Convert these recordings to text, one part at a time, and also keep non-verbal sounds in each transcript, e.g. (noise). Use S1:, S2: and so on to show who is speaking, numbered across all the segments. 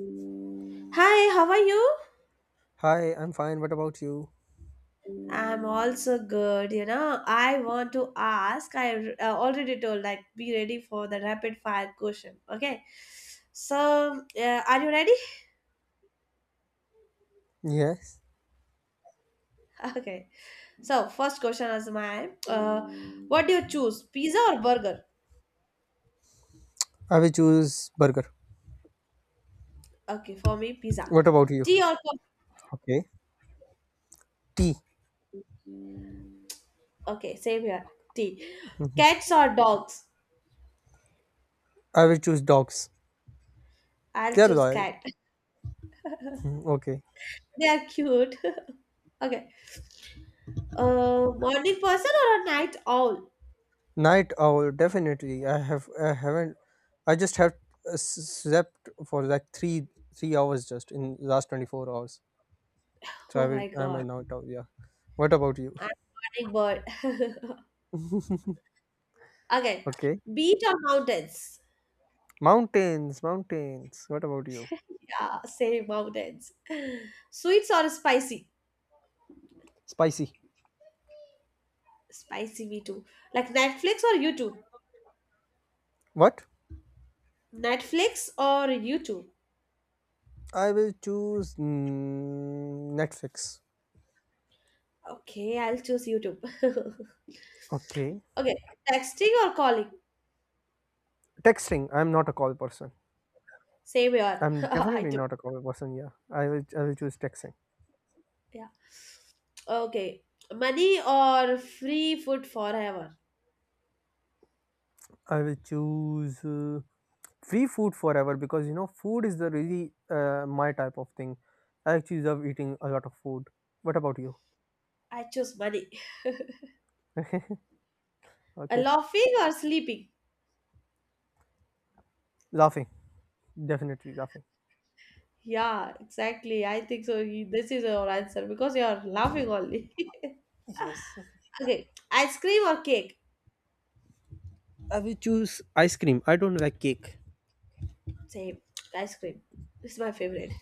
S1: Hi, how are you?
S2: Hi, I'm fine. What about you?
S1: I'm also good. You know, I want to ask. I already told, like, be ready for the rapid fire question. Okay. So, are you ready?
S2: Yes.
S1: (laughs) Okay. So, first question is mine. What do you choose, pizza or burger?
S2: I will choose burger.
S1: Okay, for me, pizza.
S2: What about you?
S1: Tea or
S2: Okay. Tea.
S1: coffee? Okay, same here. Tea. Cats or dogs?
S2: I will choose dogs.
S1: I'll
S2: They are
S1: choose
S2: loyal.
S1: cat.
S2: Hmm, okay.
S1: (laughs) They are cute. (laughs) Okay. Morning person or a night owl?
S2: Night owl, definitely. I have I haven't I just slept for like three hours just in last 24 hours. So
S1: Oh my
S2: I'm a
S1: God.
S2: night owl, yeah. What about you?
S1: I'm a morning bird. Okay.
S2: Okay.
S1: Beach or mountains?
S2: Mountains, mountains. What about you?
S1: Yeah, say mountains. Sweets or spicy?
S2: Spicy.
S1: Spicy, me too. Like Netflix or YouTube?
S2: What?
S1: Netflix or YouTube?
S2: I will choose Netflix.
S1: Okay, I'll choose YouTube. (laughs)
S2: Okay.
S1: Okay. Texting or calling?
S2: Texting, I'm not a call person.
S1: Same here. (laughs)
S2: I'm
S1: I
S2: definitely
S1: do.
S2: not a call person. Yeah, I will choose texting.
S1: Yeah. Okay. Money or free food forever?
S2: I will choose free food forever because food is the really my type of thing. I actually love eating a lot of food. What about you?
S1: I choose money.
S2: (laughs) Okay,
S1: Laughing or sleeping?
S2: laughing. Definitely laughing.
S1: Yeah, exactly. I think so. You- this is your answer because you're laughing only. (laughs)
S2: Yes. (laughs)
S1: Okay, ice cream or cake?
S2: I will choose ice cream. I don't like cake.
S1: Same. Ice cream. It's my favorite.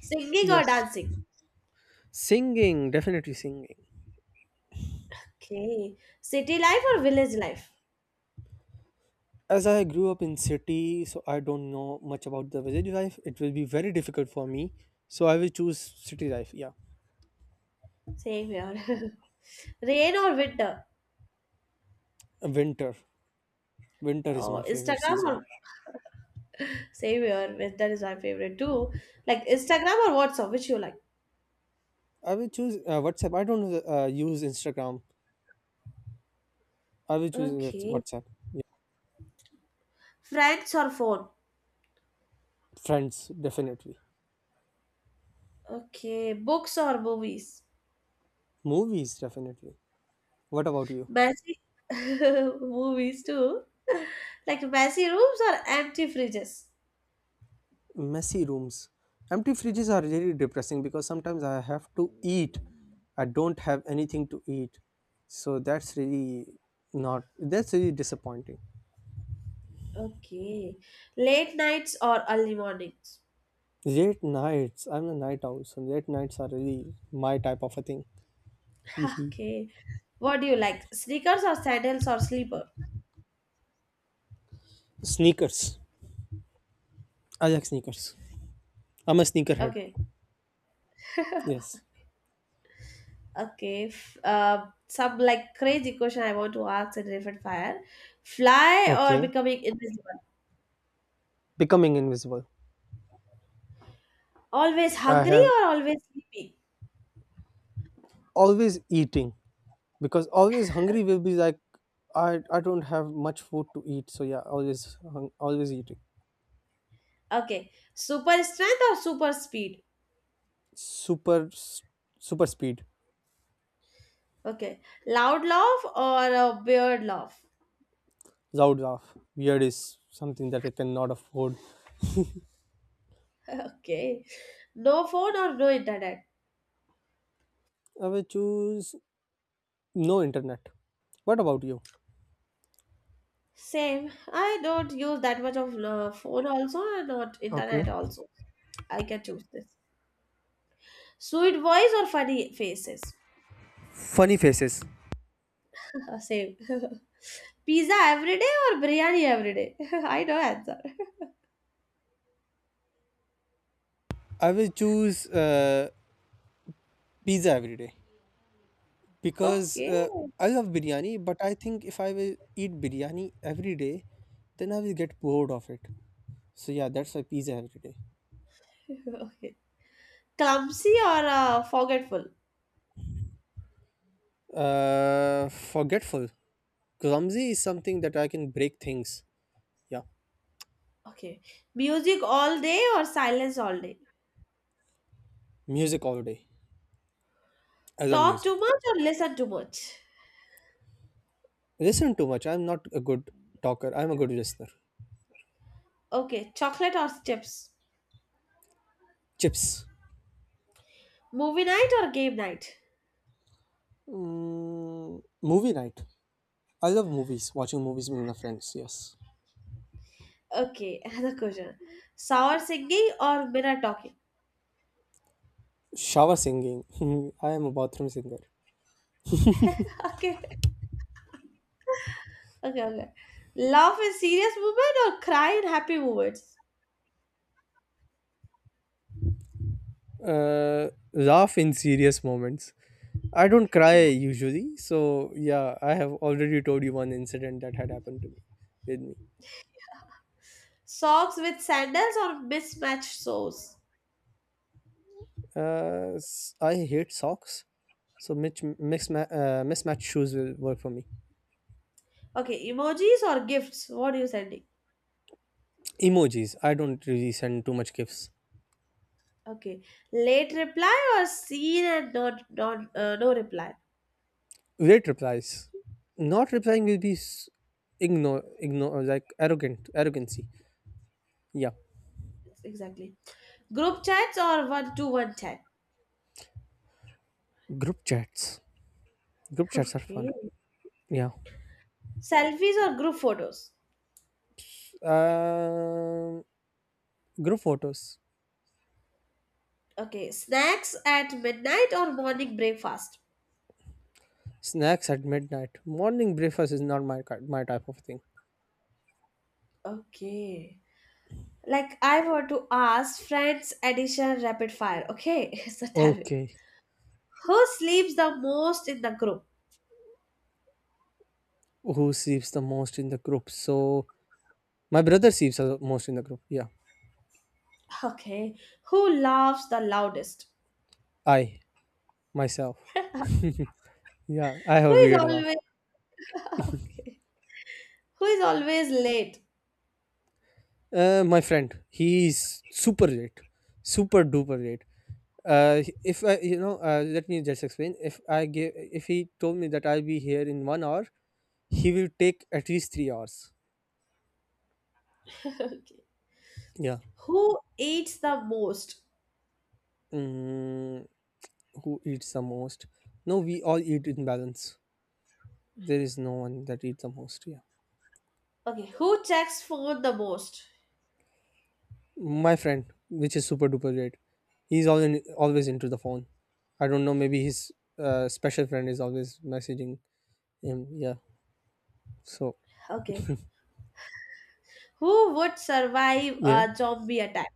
S1: Singing or
S2: Yes,
S1: dancing?
S2: singing. Definitely singing.
S1: Okay. City life or village life?
S2: As I grew up in city, so I don't know much about the village life. It will be very difficult for me. So I will choose city life. Yeah,
S1: Same here. (laughs) Rain or winter?
S2: winter. Winter is my
S1: Oh,
S2: favorite
S1: Instagram
S2: season.
S1: or same here. Winter is my favorite too. Like Instagram or WhatsApp, which you like?
S2: I will choose WhatsApp. I don't use Instagram. I will choose Whats-
S1: Okay.
S2: WhatsApp. Yeah.
S1: Friends or phone?
S2: Friends, definitely.
S1: Okay. Books or movies?
S2: Movies, definitely. What about you?
S1: Messy (laughs) movies too. (laughs) Like messy rooms or empty fridges.
S2: Messy rooms. Empty fridges are really depressing because sometimes I have to eat. I don't have anything to eat. So that's really not, that's really disappointing.
S1: Okay. Late nights or early mornings.
S2: Late nights. I'm a night owl, so late nights are really my type of a thing.
S1: (laughs)
S2: Hee.
S1: Okay. What do you like? Sneakers or sandals or sleeper?
S2: Sneakers. I like sneakers. I'm a sneakerhead.
S1: Okay.
S2: Yes.
S1: Okay. F- some like crazy question I want to ask in Rapid Fire. Fly or
S2: Okay.
S1: becoming invisible?
S2: Becoming invisible.
S1: Always
S2: I
S1: hungry
S2: have
S1: or always sleepy?
S2: Always eating because always hungry will be like I don't have much food to eat. So yeah, always eating.
S1: Okay. Super strength or super speed?
S2: Super s- Super speed.
S1: Okay. Loud laugh or a weird laugh?
S2: Loud laugh. Weird is something that I cannot afford.
S1: Okay. No phone or no internet?
S2: I will choose no internet. What about you?
S1: Same. I don't use that much of phone also and not
S2: Okay.
S1: internet also. I can choose this. Sweet voice or funny faces?
S2: Funny faces.
S1: (laughs) Same. (laughs) Pizza every day or biryani every day? (laughs) I know answer.
S2: I will choose pizza every day because
S1: Okay. (laughs)
S2: I love biryani, but I think if I will eat biryani every day, then I will get bored of it. So yeah, that's why pizza every day.
S1: Okay. Clumsy or forgetful?
S2: Forgetful. Clumsy is something that I can break things. Yeah,
S1: Okay. Music all day or silence all day?
S2: music all day. I love
S1: Talk too
S2: music.
S1: much or listen too much?
S2: Listen too much. I'm not a good talker. I'm a good listener.
S1: Okay. Chocolate or chips?
S2: Chips.
S1: Movie night or game night?
S2: Movie night. I love movies. Watching movies with my friends. Yes.
S1: Okay, (laughs) another question. Sour singing or Mira talking?
S2: Shower singing. (laughs) I am a bathroom singer.
S1: (laughs) Okay, okay, okay. Laugh in serious moment or cry in happy moments? (laughs)
S2: Laugh in serious moments. I don't cry
S1: Yeah.
S2: usually, so yeah, I have already told you one incident that had happened to me with me.
S1: Socks with sandals or mismatched shoes?
S2: I hate socks, so mismatched shoes will work for me.
S1: Okay, emojis or gifts? What are you sending?
S2: Emojis. I don't really send too much gifts.
S1: Okay, late reply or seen and not, no reply?
S2: Late replies. Not replying will be ignore, like arrogant arrogancy. Yeah.
S1: Yes, exactly. Group chats or one to one chat?
S2: Group chats. Group
S1: (laughs)
S2: chats are
S1: Okay.
S2: fun. Yeah.
S1: Selfies or group photos?
S2: Um, Group photos,
S1: Okay, snacks at midnight or morning breakfast?
S2: snacks at midnight. Morning breakfast is not my type of thing.
S1: Okay. Like I want to ask friends edition rapid fire. Okay, (laughs) so tell me.
S2: Okay,
S1: Who sleeps the most in the group?
S2: who sleeps the most in the group? So my brother sleeps the most in the group. Yeah,
S1: Okay. Who laughs the loudest?
S2: I myself. (laughs) Yeah, I
S1: Who
S2: have a
S1: is
S2: weird laugh.
S1: always (laughs) okay? Who is always late?
S2: My friend, he's super late, super duper late. If I, you know, let me just explain. If I give, If he told me that I'll be here in 1 hour, he will take at least 3 hours.
S1: Okay.
S2: Yeah.
S1: Who eats the most?
S2: Mm, who eats the most. No, we all eat in balance. There is no one that eats the most. Yeah,
S1: Okay. Who checks phone the most?
S2: my friend, which is super duper great, he's all in, always into the phone. I don't know. Maybe his special friend is always messaging him. Yeah. So
S1: Okay. Who would survive
S2: yeah,
S1: a zombie attack?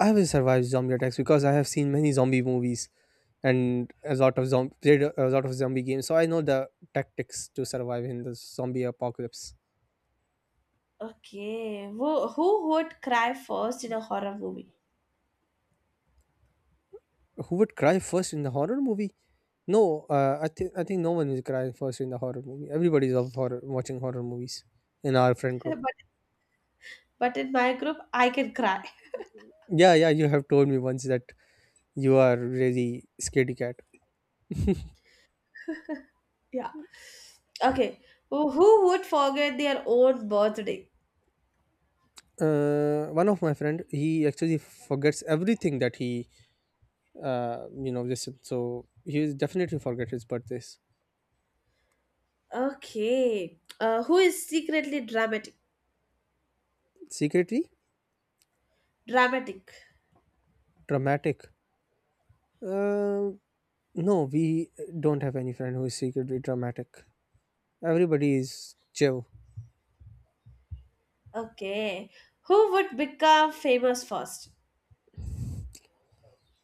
S2: I will survive zombie attacks because I have seen many zombie movies and a lot of zombie played a lot of zombie games. So I know the tactics to survive in the zombie apocalypse.
S1: Okay. Who would cry first in a horror movie?
S2: Who would cry first in the horror movie? No, I think no one is crying first in the horror movie. Everybody's of horror Watching horror movies in our friend
S1: (laughs)
S2: group.
S1: But but in my group, I can cry.
S2: Yeah, yeah, you have told me once that you are really scaredy cat.
S1: Yeah. Okay. Who would forget their own birthday?
S2: One of my friend, he actually forgets everything that he, you know, this. So he is definitely forget his birthdays.
S1: Okay. Who is secretly dramatic?
S2: Secretly
S1: Dramatic.
S2: dramatic. Uh, no, we don't have any friend who is secretly dramatic. Everybody is chill.
S1: Okay. Who would become famous first?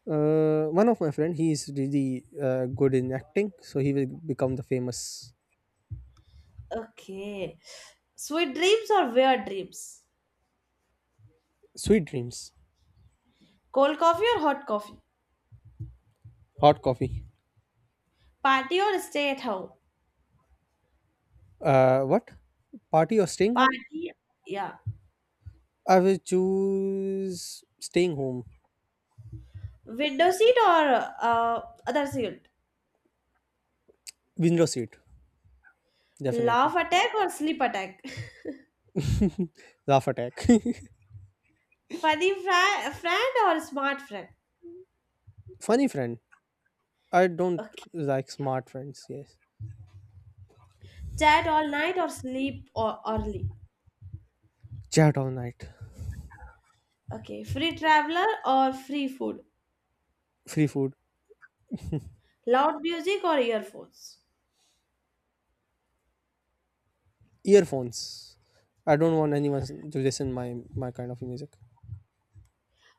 S2: One of my friend, he is really good in acting, so he will become the famous.
S1: Okay. Sweet dreams or weird dreams?
S2: Sweet dreams,
S1: Cold coffee or hot coffee?
S2: hot coffee.
S1: Party or stay at home?
S2: What? Party or staying home?
S1: Party. Yeah.
S2: I will choose staying home.
S1: Window seat or other seat?
S2: Window seat,
S1: Laugh
S2: definitely.
S1: attack or sleep attack? (laughs)
S2: (laughs) Laugh attack.
S1: Funny friend or smart friend?
S2: (laughs) Funny friend. I don't
S1: Okay.
S2: like smart friends. Yes.
S1: Chat all night or sleep or early.
S2: Chat all night.
S1: Okay, free traveler or free food.
S2: Free food.
S1: Loud music or earphones.
S2: Earphones. I don't want anyone to listen my kind of music.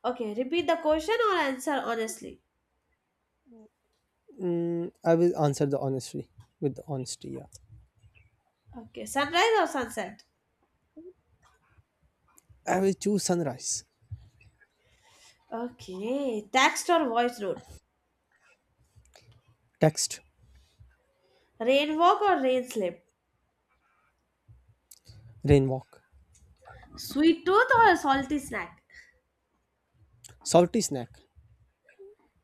S1: Okay, repeat the question or answer honestly.
S2: I will answer the honestly With honesty. Yeah.
S1: Okay, sunrise or sunset.
S2: I will choose sunrise.
S1: Okay, text or voice note.
S2: Text,
S1: Rain walk or rain slip.
S2: rain walk.
S1: Sweet tooth or a salty snack.
S2: Salty snack.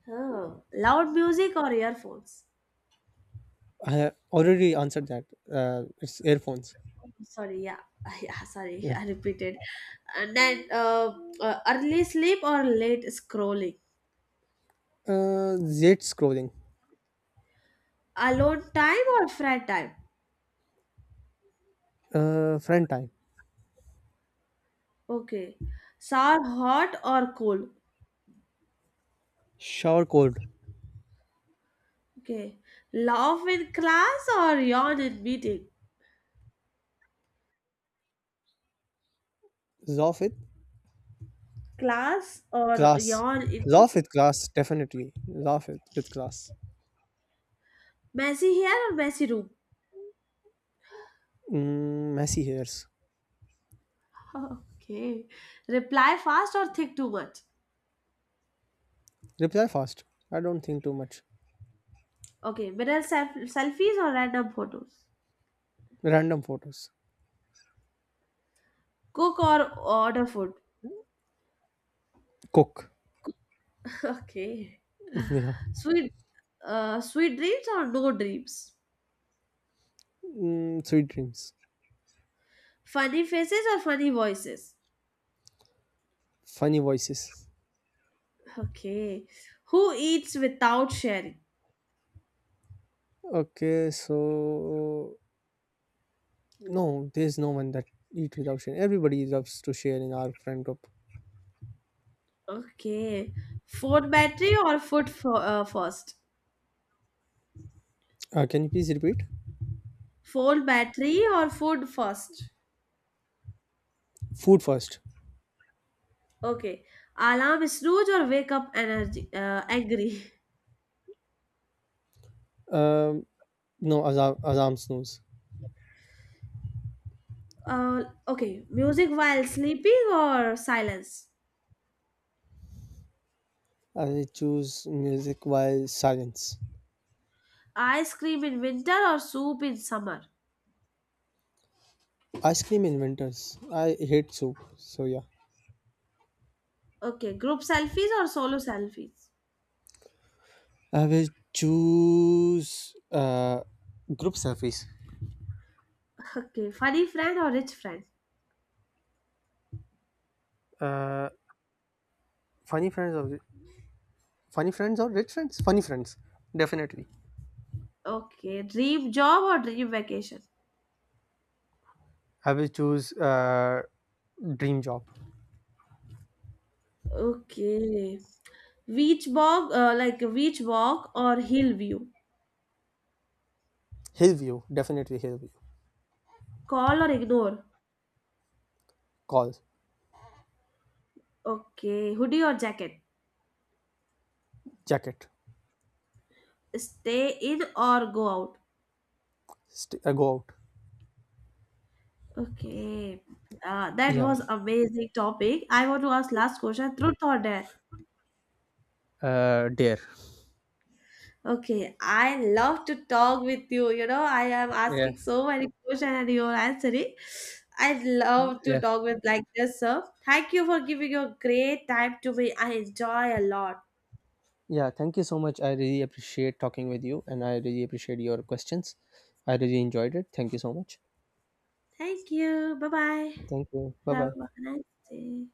S1: Oh, loud music or earphones.
S2: I have already answered that. It's earphones.
S1: Sorry, yeah, (laughs) yeah. Sorry,
S2: Yeah.
S1: I repeated. And then early sleep or late scrolling.
S2: Z scrolling.
S1: Alone time or friend time.
S2: Friend time.
S1: Okay. Sour hot or cold?
S2: Shower cold.
S1: Okay. Laugh in class or yawn in meeting?
S2: Laugh with
S1: Class or
S2: class.
S1: yawn in
S2: Laugh
S1: meeting?
S2: with class, definitely. Laugh with class.
S1: Messy hair or messy room?
S2: Mm, messy hairs.
S1: (laughs) Okay. Reply fast or think too much?
S2: Reply fast. I don't think too much.
S1: Okay. Mirror selfies or random photos?
S2: Random photos.
S1: Cook or order food?
S2: Cook.
S1: (laughs) Okay.
S2: (laughs) Yeah.
S1: Sweet, sweet dreams or no dreams?
S2: Mm, sweet dreams.
S1: Funny faces or funny voices?
S2: Funny voices.
S1: Okay. Who eats without sharing?
S2: Okay, so no, there's no one that eat without sharing. Everybody loves to share in our friend group.
S1: Okay. Phone battery or food first?
S2: Can you please repeat?
S1: Phone battery or food first?
S2: Food first.
S1: Okay. Alarm snooze or wake up energy angry? (laughs)
S2: Um, no, Azam, Azam snooze.
S1: Okay. Music while sleeping or silence?
S2: I choose music while silence.
S1: Ice cream in winter or soup in summer?
S2: Ice cream in winters. I hate soup. So yeah.
S1: Okay. Group selfies or solo selfies?
S2: I will choose group selfies.
S1: (laughs) Okay. Funny friend or rich friend?
S2: Uh, funny friends or Funny friends or rich friends? Funny friends, definitely.
S1: Okay. Dream job or dream vacation?
S2: I will choose dream job.
S1: Okay. Like beach walk or hill view?
S2: Hillview, definitely Hillview.
S1: Call or ignore?
S2: Call.
S1: Okay. Hoodie or jacket?
S2: Jacket.
S1: Stay in or go out?
S2: Go out.
S1: Okay. That
S2: Yeah,
S1: was amazing topic. I want to ask last question. Truth or dare?
S2: dear.
S1: Okay. I love to talk with you. You know, I am
S2: Yeah,
S1: asking so many questions and you are answering. I love to
S2: yeah,
S1: talk with like this, sir. Thank you for giving your great time to me. I enjoy a lot.
S2: yeah. Thank you so much. I really appreciate talking with you, and I really appreciate your questions. I really enjoyed it. Thank you so much.
S1: Thank you. Bye bye.
S2: Thank you. Bye
S1: Have
S2: bye.
S1: a nice day.